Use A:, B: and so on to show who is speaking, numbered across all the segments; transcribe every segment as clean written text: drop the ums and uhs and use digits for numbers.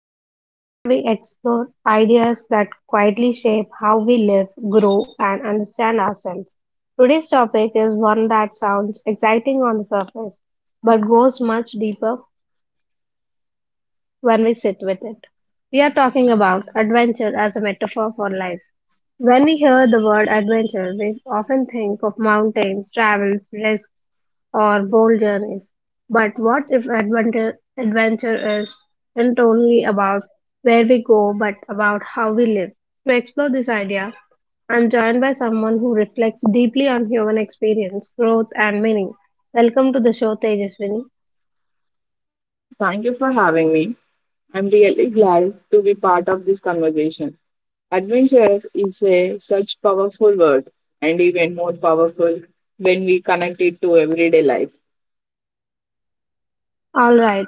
A: Conversations, where we explore ideas that quietly shape how we live, grow, and understand ourselves. Today's topic is one that sounds exciting on the surface, but goes much deeper when we sit with it. We are talking about adventure as a metaphor for life. When we hear the word adventure, we often think of mountains, travels, risk, or bold journeys. But what if adventure is not only about where we go, but about how we live? To explore this idea, I'm joined by someone who reflects deeply on human experience, growth, and meaning. Welcome to the show, Tejaswini.
B: Thank you for having me. I'm really glad to be part of this conversation. Adventure is a such powerful word and even more powerful when we connect it to everyday life.
A: All right,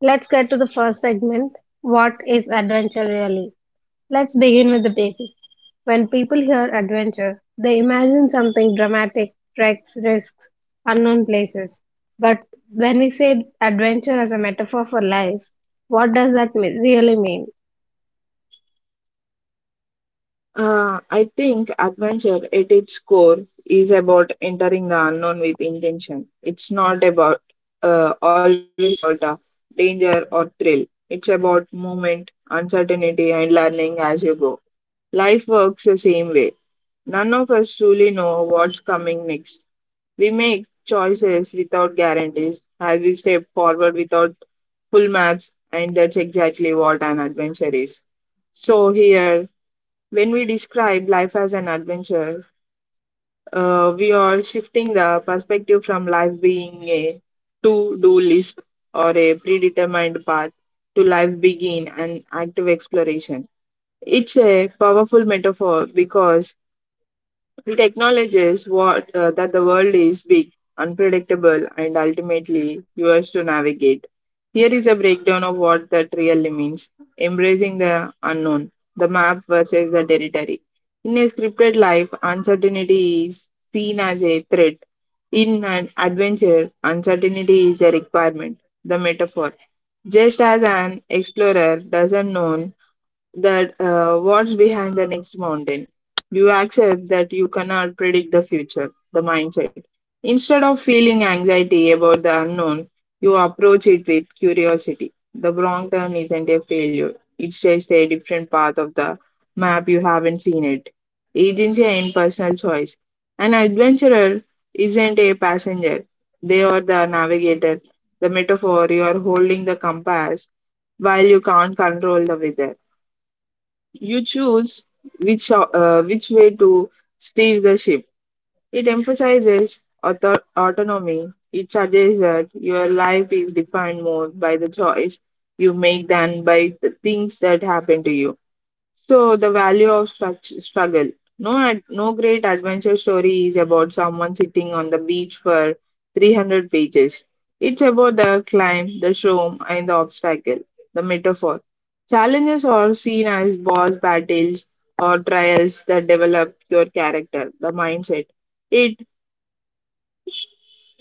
A: let's get to the first segment. What is adventure really? Let's begin with the basics. When people hear adventure, they imagine something dramatic, treks, risks, unknown places. But when we say adventure as a metaphor for life, what does really mean?
B: I think adventure at its core is about entering the unknown with intention. It's not about always about danger or thrill. It's about movement, uncertainty, and learning as you go. Life works the same way. None of us truly know what's coming next. We make choices without guarantees, as we step forward without full maps, and that's exactly what an adventure is. So, here, when we describe life as an adventure, we are shifting the perspective from life being a to do list or a predetermined path to life begin an active exploration. It's a powerful metaphor because it acknowledges what that the world is big, unpredictable, and ultimately yours to navigate. Here is a breakdown of what that really means: embracing the unknown, the map versus the territory. In a scripted life, uncertainty is seen as a threat. In an adventure, uncertainty is a requirement. The metaphor. Just as an explorer doesn't know that what's behind the next mountain. You accept that you cannot predict the future, the mindset. Instead of feeling anxiety about the unknown, you approach it with curiosity. The wrong turn isn't a failure, it's just a different part of the map you haven't seen it. Agency and personal choice. An adventurer isn't a passenger, they are the navigator. The metaphor: you are holding the compass while you can't control the weather. You choose which way to steer the ship. It emphasizes autonomy. It suggests that your life is defined more by the choice you make than by the things that happen to you. So the value of struggle. No, no great adventure story is about someone sitting on the beach for 300 pages. It's about the climb, the storm, and the obstacle. The metaphor. Challenges are seen as boss battles or trials that develop your character, the mindset. It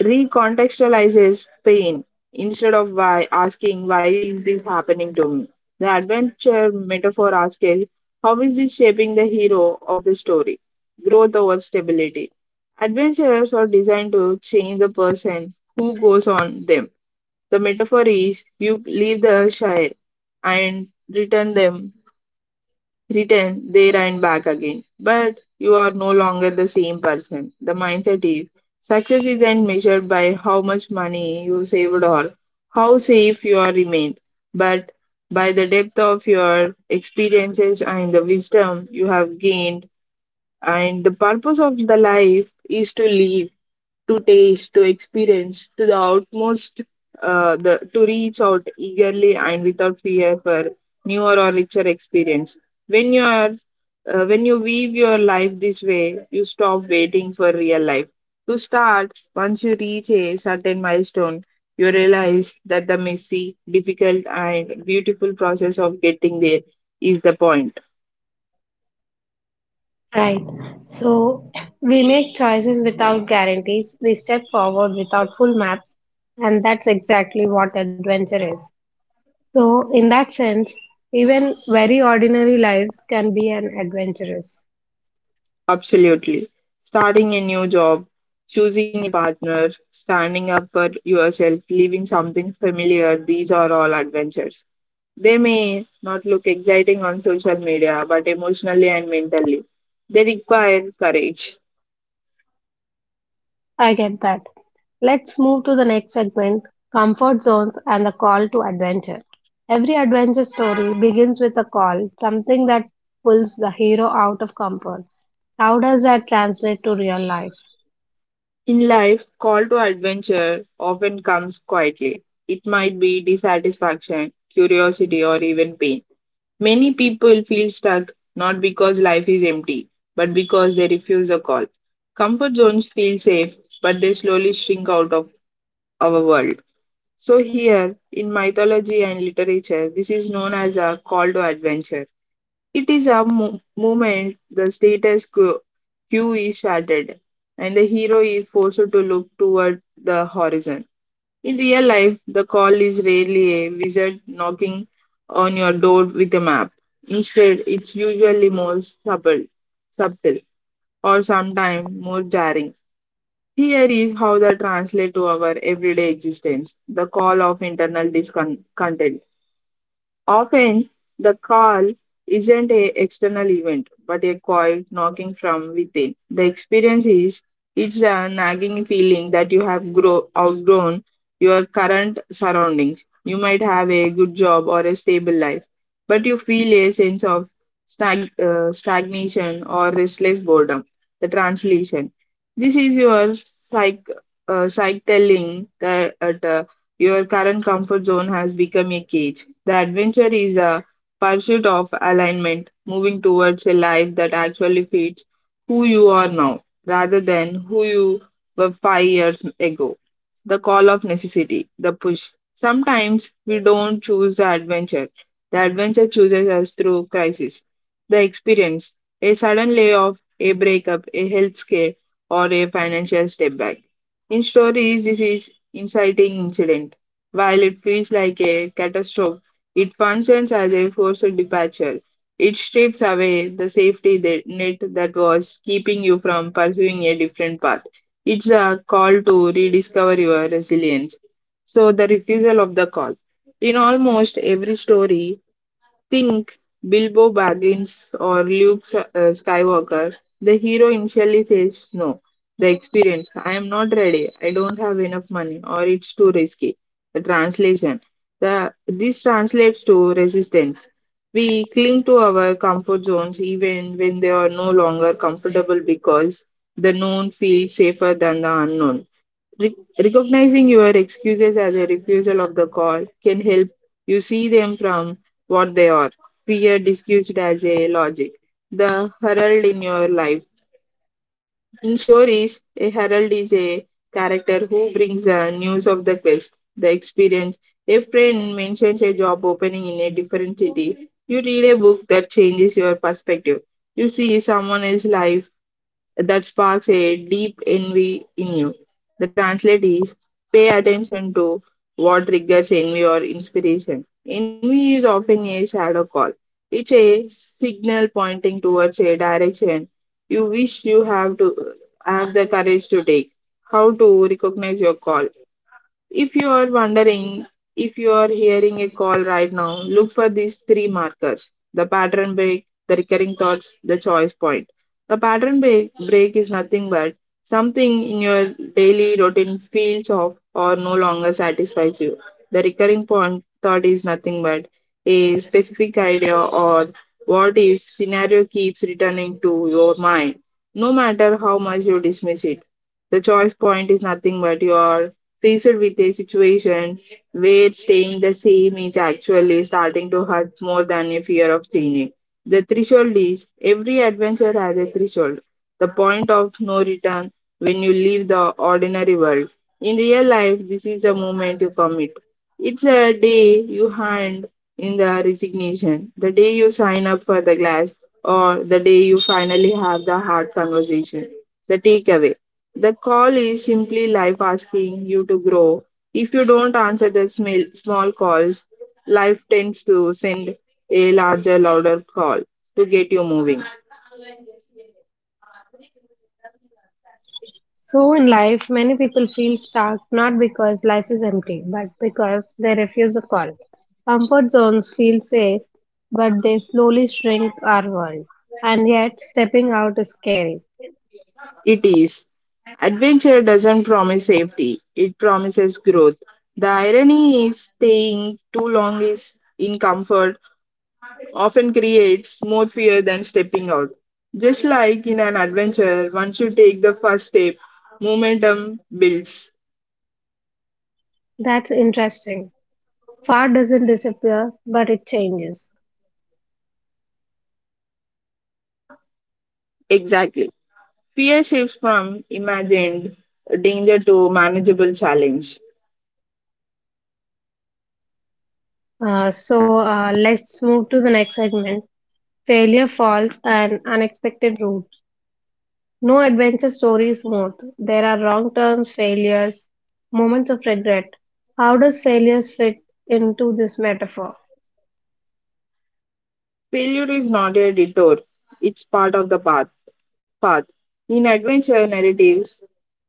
B: recontextualizes pain. Instead of why asking why is this happening to me, the adventure metaphor asks how is this shaping the hero of the story. Growth over stability. Adventures are designed to change the person who goes on them. The metaphor is you leave the shire and return them written, they ran back again. But you are no longer the same person. The mindset is success isn't measured by how much money you saved or how safe you are remained, but by the depth of your experiences and the wisdom you have gained. And the purpose of the life is to live, to taste, to experience, to the utmost, to reach out eagerly and without fear for newer or richer experience. When you are, when you weave your life this way, you stop waiting for real life. To start, once you reach a certain milestone, you realize that the messy, difficult, and beautiful process of getting there is the point.
A: Right. So we make choices without guarantees, we step forward without full maps, and that's exactly what adventure is. So, in that sense, even very ordinary lives can be an adventurous.
B: Absolutely. Starting a new job, choosing a partner, standing up for yourself, leaving something familiar, these are all adventures. They may not look exciting on social media, but emotionally and mentally, they require courage.
A: I get that. Let's move to the next segment: comfort zones and the call to adventure. Every adventure story begins with a call, something that pulls the hero out of comfort. How does that translate to real life?
B: In life, call to adventure often comes quietly. It might be dissatisfaction, curiosity, or even pain. Many people feel stuck not because life is empty, but because they refuse a call. Comfort zones feel safe, but they slowly shrink out of our world. So, here in mythology and literature, this is known as a call to adventure. It is a moment the status quo is shattered, and the hero is forced to look toward the horizon. In real life, the call is rarely a wizard knocking on your door with a map. Instead, it's usually more subtle, subtle or sometimes more jarring. Here is how they translate to our everyday existence: the call of internal discontent. Often, the call isn't an external event, but a quiet knocking from within. The experience is it's a nagging feeling that you have outgrown your current surroundings. You might have a good job or a stable life, but you feel a sense of stagnation or restless boredom. The translation. This is your psych, psych telling that your current comfort zone has become a cage. The adventure is a pursuit of alignment, moving towards a life that actually fits who you are now rather than who you were 5 years ago. The call of necessity, the push. Sometimes we don't choose the adventure chooses us through crisis. The experience, a sudden layoff, a breakup, a health scare, or a financial step back. In stories, this is inciting incident. While it feels like a catastrophe, it functions as a forced departure. It strips away the net that was keeping you from pursuing a different path. It's a call to rediscover your resilience. So, the refusal of the call. In almost every story, think Bilbo Baggins or Skywalker. The hero initially says no. The experience, I am not ready, I don't have enough money, or it's too risky. The translation, this translates to resistance. We cling to our comfort zones even when they are no longer comfortable because the known feels safer than the unknown. Re- Recognizing your excuses as a refusal of the call can help you see them from what they are, fear disguised as a logic. The herald in your life. In stories, a herald is a character who brings the news of the quest, the experience. A friend mentions a job opening in a different city. You read a book that changes your perspective. You see someone else's life that sparks a deep envy in you. The translate is pay attention to what triggers envy or inspiration. Envy is often a shadow call. It's a signal pointing towards a direction you wish you have to have the courage to take. How to recognize your call? If you are wondering if you are hearing a call right now, look for these three markers: the pattern break, the recurring thoughts, the choice point. The pattern break is nothing but something in your daily routine feels off or no longer satisfies you. The recurring point thought is nothing but a specific idea or what if scenario keeps returning to your mind, no matter how much you dismiss it. The choice point is nothing but your faced with a situation where staying the same is actually starting to hurt more than a fear of changing. The threshold is every adventure has a threshold, the point of no return when you leave the ordinary world. In real life, this is a moment you commit. It's a day you hand in the resignation, the day you sign up for the class, or the day you finally have the hard conversation. The takeaway: the call is simply life asking you to grow. If you don't answer the small calls, life tends to send a larger, louder call to get you moving.
A: So, in life, many people feel stuck not because life is empty, but because they refuse a call. Comfort zones feel safe, but they slowly shrink our world. And yet, stepping out is scary.
B: It is. Adventure doesn't promise safety, it promises growth. The irony is staying too long is in comfort often creates more fear than stepping out. Just like in an adventure, once you take the first step, momentum builds.
A: That's interesting. Far doesn't disappear, but it changes.
B: Exactly. Fear shifts from imagined danger to manageable challenge.
A: So let's move to the next segment: failure, falls, and unexpected routes. No adventure story is smooth. There are wrong turns, failures, moments of regret. How does failures fit into this metaphor?
B: Failure is not a detour, it's part of the path. In adventure narratives,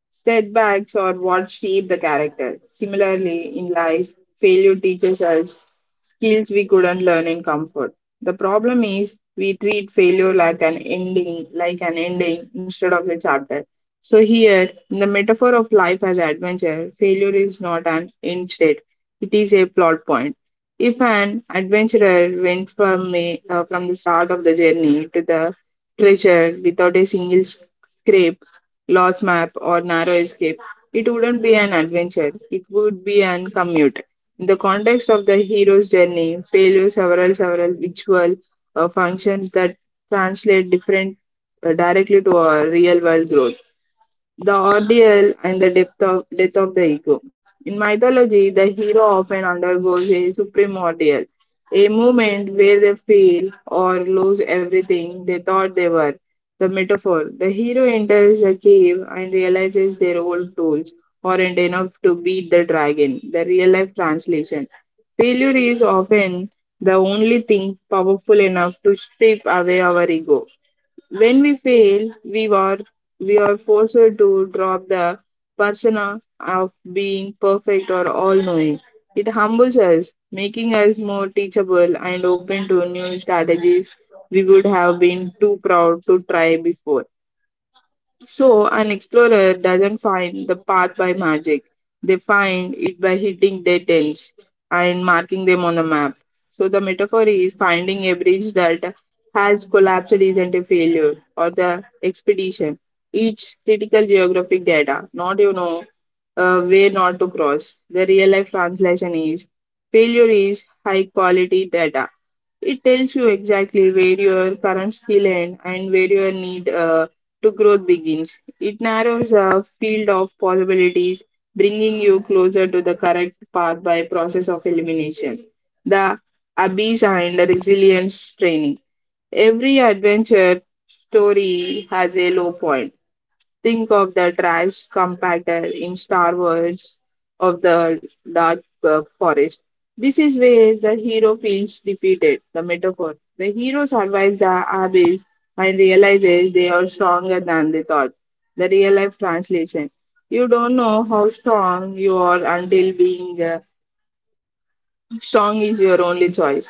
B: setbacks are what shape the character. Similarly, in life, failure teaches us skills we couldn't learn in comfort. The problem is we treat failure like an ending, instead of a chapter. So here, in the metaphor of life as adventure, failure is not an end state; it is a plot point. If an adventurer went from from the start of the journey to the treasure without a single scrape, large map, or narrow escape, it wouldn't be an adventure. It would be an commute. In the context of the hero's journey, failure several virtual functions that translate different directly to our real world growth, the ordeal and the depth of death of the ego. In mythology, the hero often undergoes a supreme ordeal, a moment where they fail or lose everything they thought they were. The metaphor: the hero enters the cave and realizes their old tools aren't enough to beat the dragon. The real-life translation: failure is often the only thing powerful enough to strip away our ego. When we fail, we are forced to drop the persona of being perfect or all knowing. It humbles us, making us more teachable and open to new strategies we would have been too proud to try before. So, an explorer doesn't find the path by magic. They find it by hitting dead ends and marking them on a map. So, the metaphor is finding a bridge that has collapsed isn't a failure or the expedition. Each critical geographic data, not way not to cross. The real life translation is failure is high quality data. It tells you exactly where your current skill end and where your need to growth begins. It narrows a field of possibilities, bringing you closer to the correct path by process of elimination. The Abyss and Resilience Training. Every adventure story has a low point. Think of the trash compactor in Star Wars of the Dark Forest. This is where the hero feels defeated, the metaphor. The hero survives the abyss and realizes they are stronger than they thought. The real life translation. You don't know how strong you are until being Song is your only choice.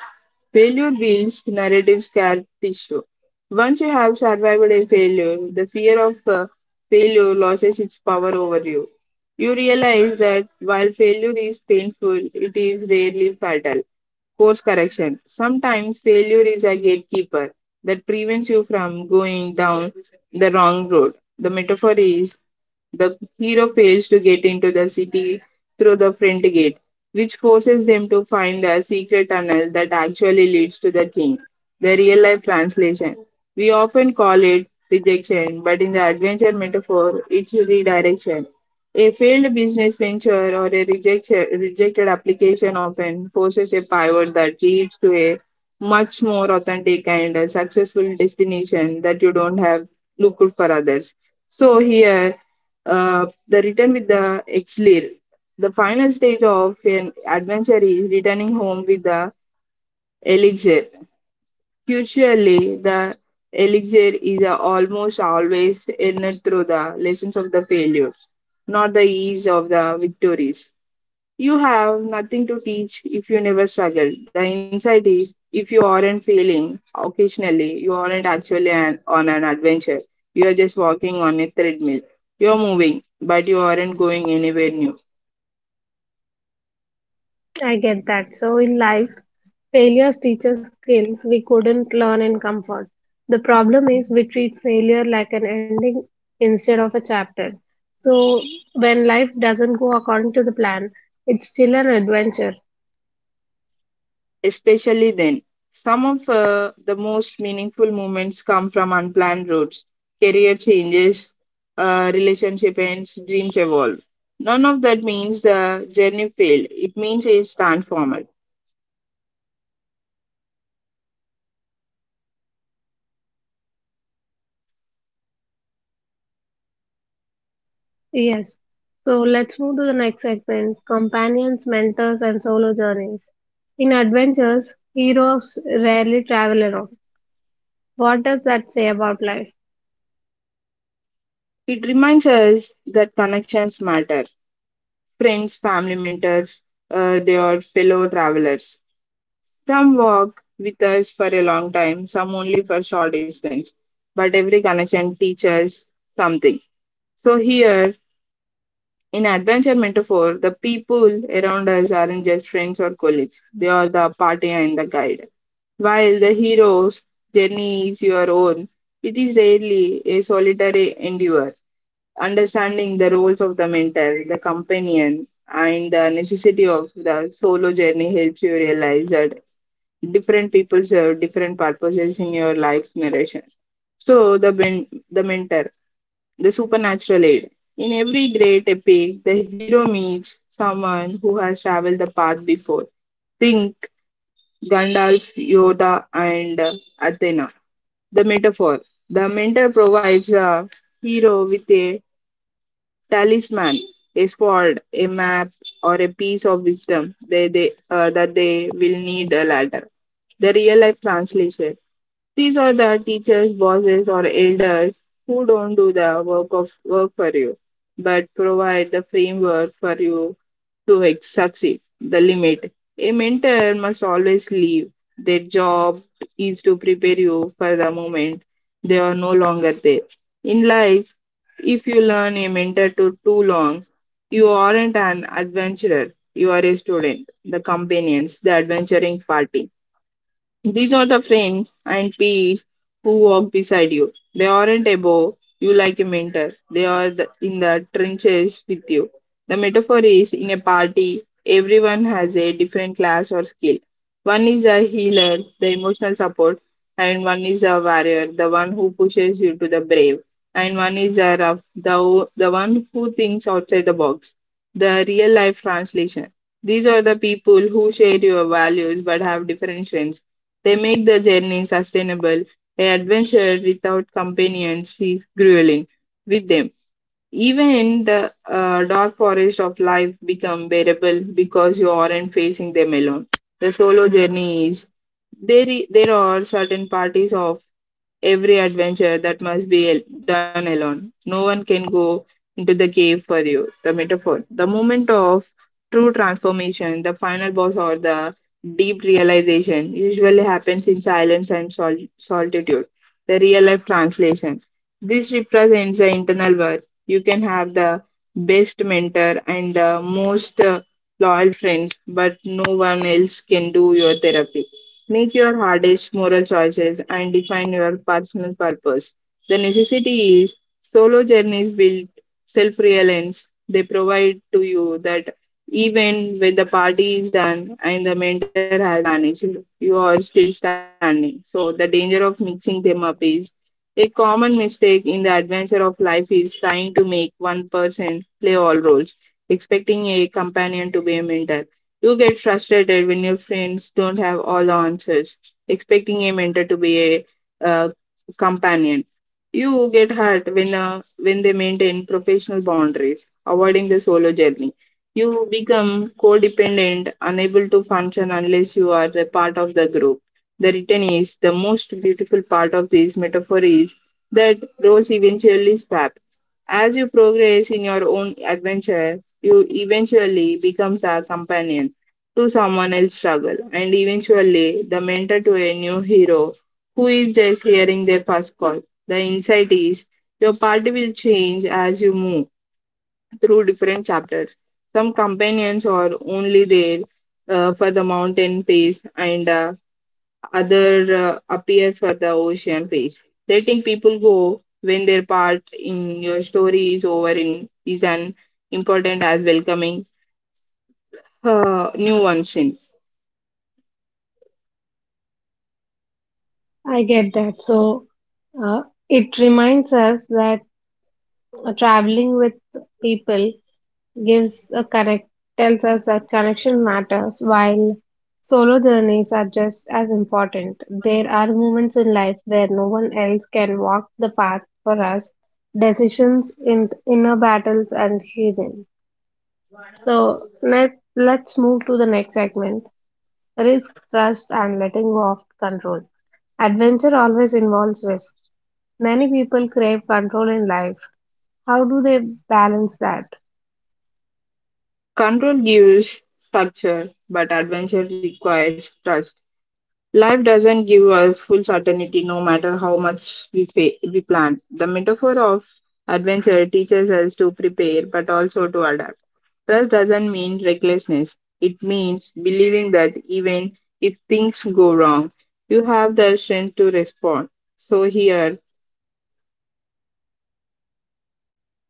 B: Failure builds narrative scar tissue. Once you have survived a failure, the fear of failure loses its power over you. You realize that while failure is painful, it is rarely fatal. Course correction. Sometimes failure is a gatekeeper that prevents you from going down the wrong road. The metaphor is the hero fails to get into the city through the front gate, which forces them to find the secret tunnel that actually leads to the king. The real life translation. We often call it rejection, but in the adventure metaphor, it's redirection. A failed business venture or a rejected application often forces a pivot that leads to a much more authentic and a successful destination that you don't have looked for others. So here the return with the elixir. The final stage of an adventure is returning home with the elixir. Usually, the elixir is almost always earned through the lessons of the failures, not the ease of the victories. You have nothing to teach if you never struggled. The insight is if you aren't failing occasionally, you aren't on an adventure. You are just walking on a treadmill. You are moving, but you aren't going anywhere new.
A: I get that. So in life, failures teach us skills we couldn't learn in comfort. The problem is we treat failure like an ending instead of a chapter. So, when life doesn't go according to the plan, it's still an adventure.
B: Especially then, some of the most meaningful moments come from unplanned roads, career changes, relationship ends, dreams evolve. None of that means the journey failed. It means it's transformed.
A: Yes. So, let's move to the next segment: companions, mentors, and solo journeys. In adventures, heroes rarely travel alone. What does that say about life?
B: It reminds us that connections matter. Friends, family mentors, they are fellow travelers. Some walk with us for a long time, some only for short distance. But every connection teaches something. So here in adventure metaphor, the people around us aren't just friends or colleagues. They are the partner and the guide. While the hero's journey is your own, it is rarely a solitary endeavor understanding the roles of the mentor, the companion, and the necessity of the solo journey helps you realize that different people serve different purposes in your life's narration. So the mentor, the supernatural aid. In every great epic, the hero meets someone who has traveled the path before. Think Gandalf, Yoda, and Athena. The metaphor. The mentor provides a hero with a talisman, a sword, a map, or a piece of wisdom that they will need a ladder. The real life translation these are the teachers, bosses, or elders who don't do the work of work for you, but provide the framework for you to succeed. The limit. A mentor must always leave. Their job is to prepare you for the moment they are no longer there. In life, if you learn a mentor to too long, you aren't an adventurer. You are a student, the companions, the adventuring party these are the friends and peers who walk beside you. They aren't above you like a mentor. They are in the trenches with you. The metaphor is in a party, everyone has a different class or skill. One is a healer, the emotional support, and one is a warrior, the one who pushes you to the brave, and one is a rough, the one who thinks outside the box. The real life translation. These are the people who share your values but have different strengths they make the journey sustainable. An adventure without companions is grueling with them. Even in the dark forest of life become bearable because you aren't facing them alone. The solo journey is there. There are certain parties of every adventure that must be done alone. No one can go into the cave for you. The metaphor. The moment of true transformation, the final boss or the deep realization usually happens in silence and solitude. The real life translation. This represents the internal work. You can have the best mentor and the most loyal friends, but no one else can do your therapy. Make your hardest moral choices and define your personal purpose. The necessity is solo journeys build self reliance. They provide to you that even when the party is done and the mentor has vanished, you are still standing. So, the danger of mixing them up is a common mistake in the adventure of life is trying to make one person play all roles, expecting a companion to be a mentor. You get frustrated when your friends don't have all the answers, expecting a mentor to be a uh, companion. You get hurt when they maintain professional boundaries, avoiding the solo journey. You become codependent, unable to function unless you are the part of the group. The return is the most beautiful part of this metaphor is that roles eventually swap. As you progress in your own adventure, you eventually becomes a companion to someone else's struggle and eventually the mentor to a new hero who is just hearing their first call. The insight is your party will change as you move through different chapters. Some companions are only there for the mountain phase and other appear for the ocean phase. Letting people go when their part in your story is over in, is an important as welcoming new one since.
A: I get that. So, uh, it reminds us that traveling with people gives a connect, tells us that connection matters, while solo journeys are just as important. There are moments in life where no one else can walk the path for us: decisions in inner battles and healing. So let's move to the next segment: risk, trust, and letting go of control. Adventure always involves risk. Many people crave control in life. How do they balance that?
B: Control gives structure, but adventure requires trust. Life doesn't give us full certainty no matter how much we plan. The metaphor of adventure teaches us to prepare but also to adapt. Trust doesn't mean recklessness, it means believing that even if things go wrong, you have the strength to respond. So, here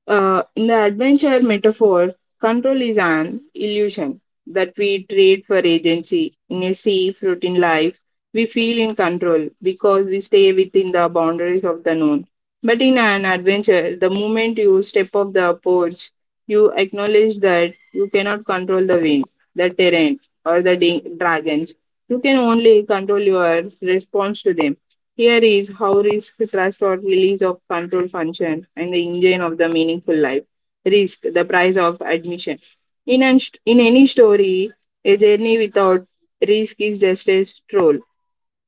B: In the adventure metaphor, control is an illusion that we trade for agency. In a safe, routine life, we feel in control because we stay within the boundaries of the known. But in an adventure, the moment you step off the porch, you acknowledge that you cannot control the wind, the terrain, or the dragons. You can only control your response to them. Here is how risk slash reward release of control function and the engine of the meaningful life. Risk, the price of admission. In, an, in any story, a journey without risk is just a stroll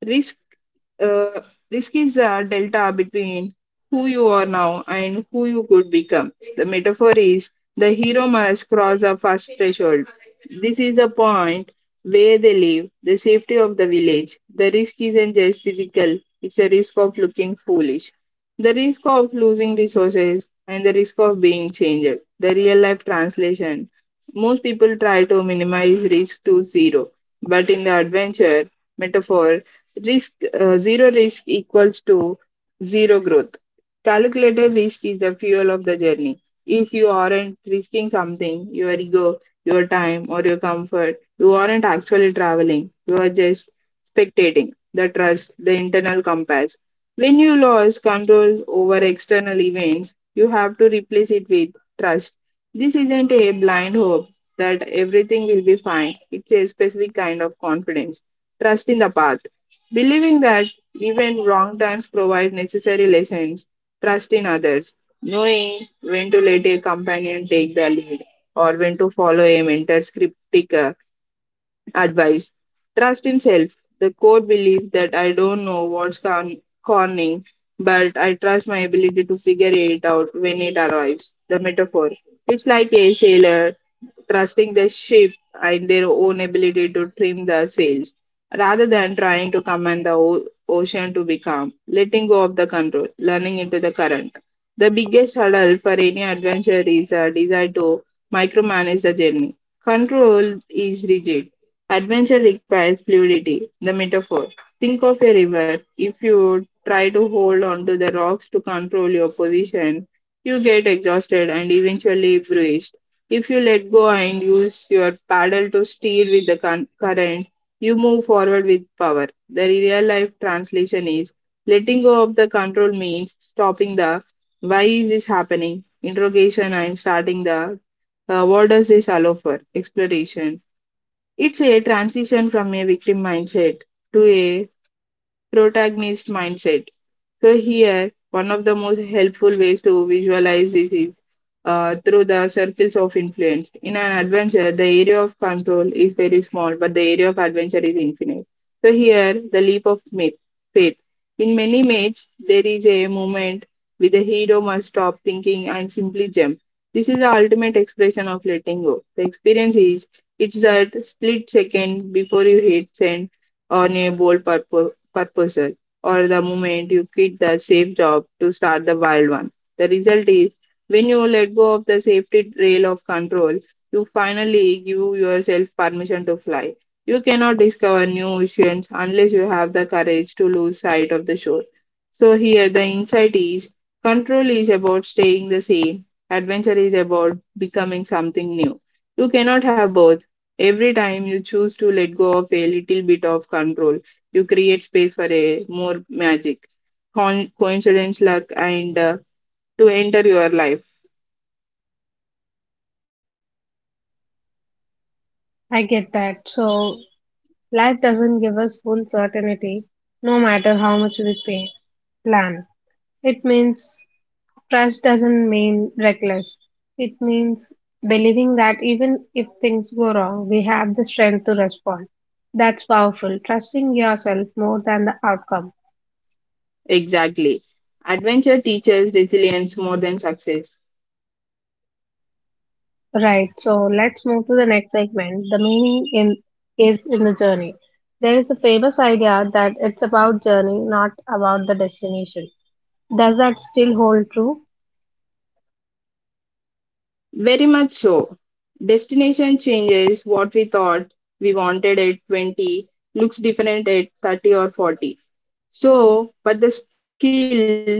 B: risk uh, risk is a delta between who you are now and who you could become. The metaphor is the hero must cross a first threshold. This is a point where they live the safety of the village. The risk isn't just physical, it's a risk of looking foolish, the risk of losing resources and the risk of being changed. The real life translation most people try to minimize risk to zero, but in the adventure metaphor, risk zero risk equals to zero growth. Calculated risk is the fuel of the journey. If you aren't risking something, your ego, your time, or your comfort, you aren't actually traveling. You are just spectating. The trust, the internal compass, when you lose control over external events, you have to replace it with trust. This isn't a blind hope that everything will be fine, it's a specific kind of confidence, trust in the path. Believing that even wrong times provide necessary lessons, trust in others, knowing when to let a companion take the lead or when to follow a mentor's cryptic. Advice Trust in self. The core belief that I don't know what's conning, but I trust my ability to figure it out when it arrives. The metaphor. It's like a sailor trusting the ship and their own ability to trim the sails rather than trying to command the ocean to be calm, letting go of the control, learning into the current. The biggest hurdle for any adventure is a desire to micromanage the journey. Control is rigid. Adventure requires fluidity, the metaphor. Think of a river. If you try to hold onto the rocks to control your position, you get exhausted and eventually bruised. If you let go and use your paddle to steer with the current, you move forward with power. The real life translation is letting go of the control means stopping the why is this happening interrogation and starting the what does this allow for exploration. It's a transition from a victim mindset to a protagonist mindset. So here, one of the most helpful ways to visualize this is through the circles of influence. In an adventure, the area of control is very small, but the area of adventure is infinite. So here, the leap of myth, faith. In many myths, there is a moment where the hero must stop thinking and simply jump. This is the ultimate expression of letting go. The experience is it's that split second before you hit send on a bold purposes or the moment you quit the safe job to start the wild one. The result is when you let go of the safety rail of control, you finally give yourself permission to fly. You cannot discover new oceans unless you have the courage to lose sight of the shore. So, here the insight is control is about staying the same, adventure is about becoming something new. You cannot have both. Every time you choose to let go of a little bit of control, you create space for a more magic, coincidence, luck, and to enter your life.
A: I get that. So life doesn't give us full certainty, no matter how much plan. It means trust doesn't mean reckless. It means believing that even if things go wrong, we have the strength to respond. That's powerful. Trusting yourself more than the outcome.
B: Exactly. Adventure teaches resilience more than success.
A: Right, so let's move to the next segment. The meaning in is in the journey. There is a famous idea that it's about journey, not about the destination. Does that still hold true?
B: Very much so. Destination changes what we thought we wanted at 20 looks different at 30 or 40. So, but the skills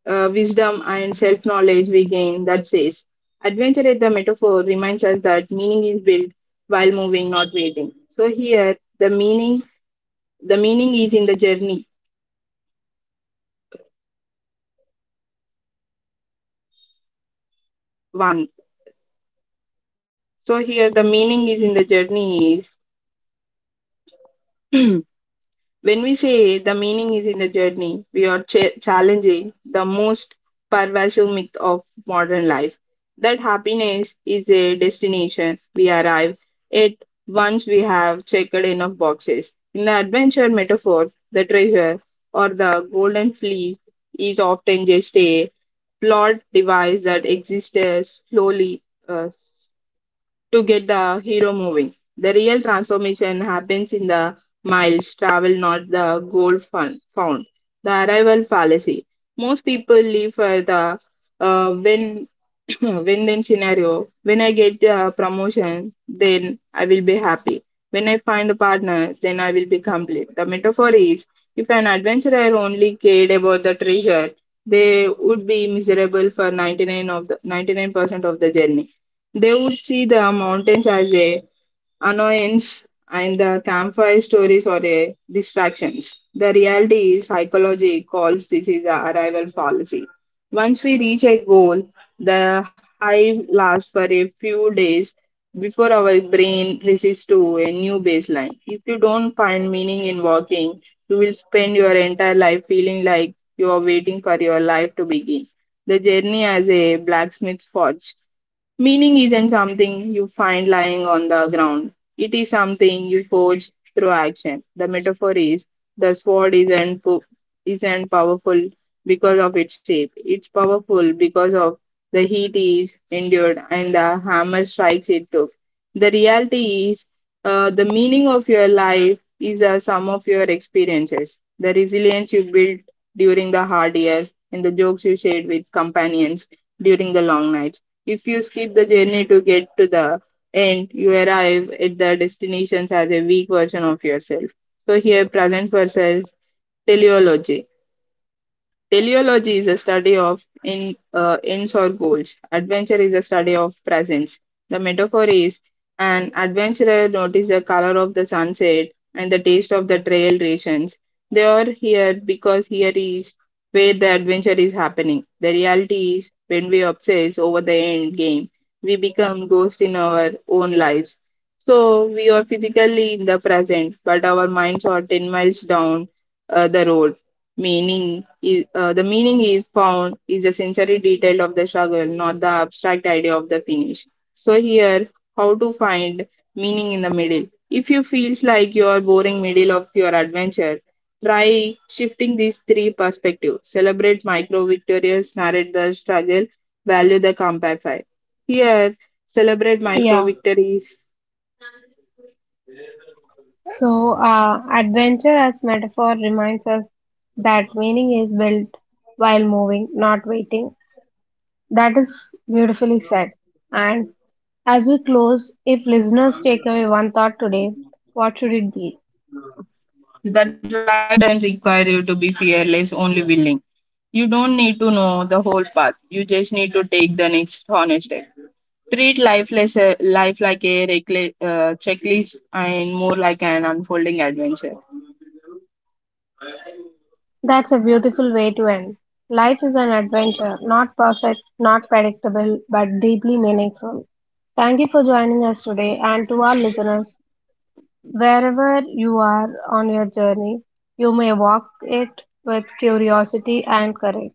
B: wisdom and self knowledge we gain that says, adventure at the metaphor reminds us that meaning is built while moving, not waiting. So here the meaning is in the journey one. So here the meaning is in the journey is when we say the meaning is in the journey, we are challenging the most pervasive myth of modern life that happiness is a destination we arrive at once we have checked enough boxes. In the adventure metaphor, the treasure or the golden fleece is often just a flawed device that exists slowly, uh, to get the hero moving. The real transformation happens in the miles traveled, not the goal found. The arrival fallacy. Most people leave for the win win then scenario. When I get a promotion, then I will be happy. When I find a partner, then I will be complete. The metaphor is if an adventurer only cared about the treasure, they would be miserable for 99 of the 99% of the journey. They would see the mountains as a annoyance and the campfire stories are the distractions. The reality is psychology calls this is a arrival fallacy. Once we reach a goal, the high lasts for a few days before our brain resists to a new baseline. If you don't find meaning in walking, you will spend your entire life feeling like you are waiting for your life to begin. The journey as a blacksmith's forge. Meaning isn't something you find lying on the ground. It is something you forge through action. The metaphor is the sword isn't powerful because of its shape. It's powerful because of the heat is endured and the hammer strikes it took. The reality is the meaning of your life is a sum of your experiences. The resilience you built during the hard years and the jokes you shared with companions during the long nights if you skip the journey to get to the end, you arrive at the destinations as a weak version of yourself. So here, present versus teleology. Teleology is a study of ends or goals. Adventure is a study of presence. The metaphor is an adventurer noticed the color of the sunset and the taste of the trail rations. They are here because here is where the adventure is happening. The reality is when we obsess over the end game, we become ghosts in our own lives. So we are physically in the present, but our minds are 10 miles down the road. Meaning, is the meaning is found is a sensory detail of the struggle, not the abstract idea of the finish. So here, how to find meaning in the middle? If you feels like you are boring middle of your adventure, try shifting these three perspectives. Celebrate micro victories, narrate the struggle, value the compact. Here, celebrate micro
A: Yeah.
B: victories.
A: So, adventure as metaphor reminds us that meaning is built while moving, not waiting. That is beautifully said. And as we close, if listeners take away one thought today, what should it be?
B: That life doesn't require you to be fearless, only willing. You don't need to know the whole path. You just need to take the next honest step. Treat life less, life like a checklist and more like an unfolding adventure.
A: That's a beautiful way to end. Life is an adventure, not perfect, not predictable, but deeply meaningful. Thank you for joining us today, and to our listeners: wherever you are on your journey, you may walk it with curiosity and courage.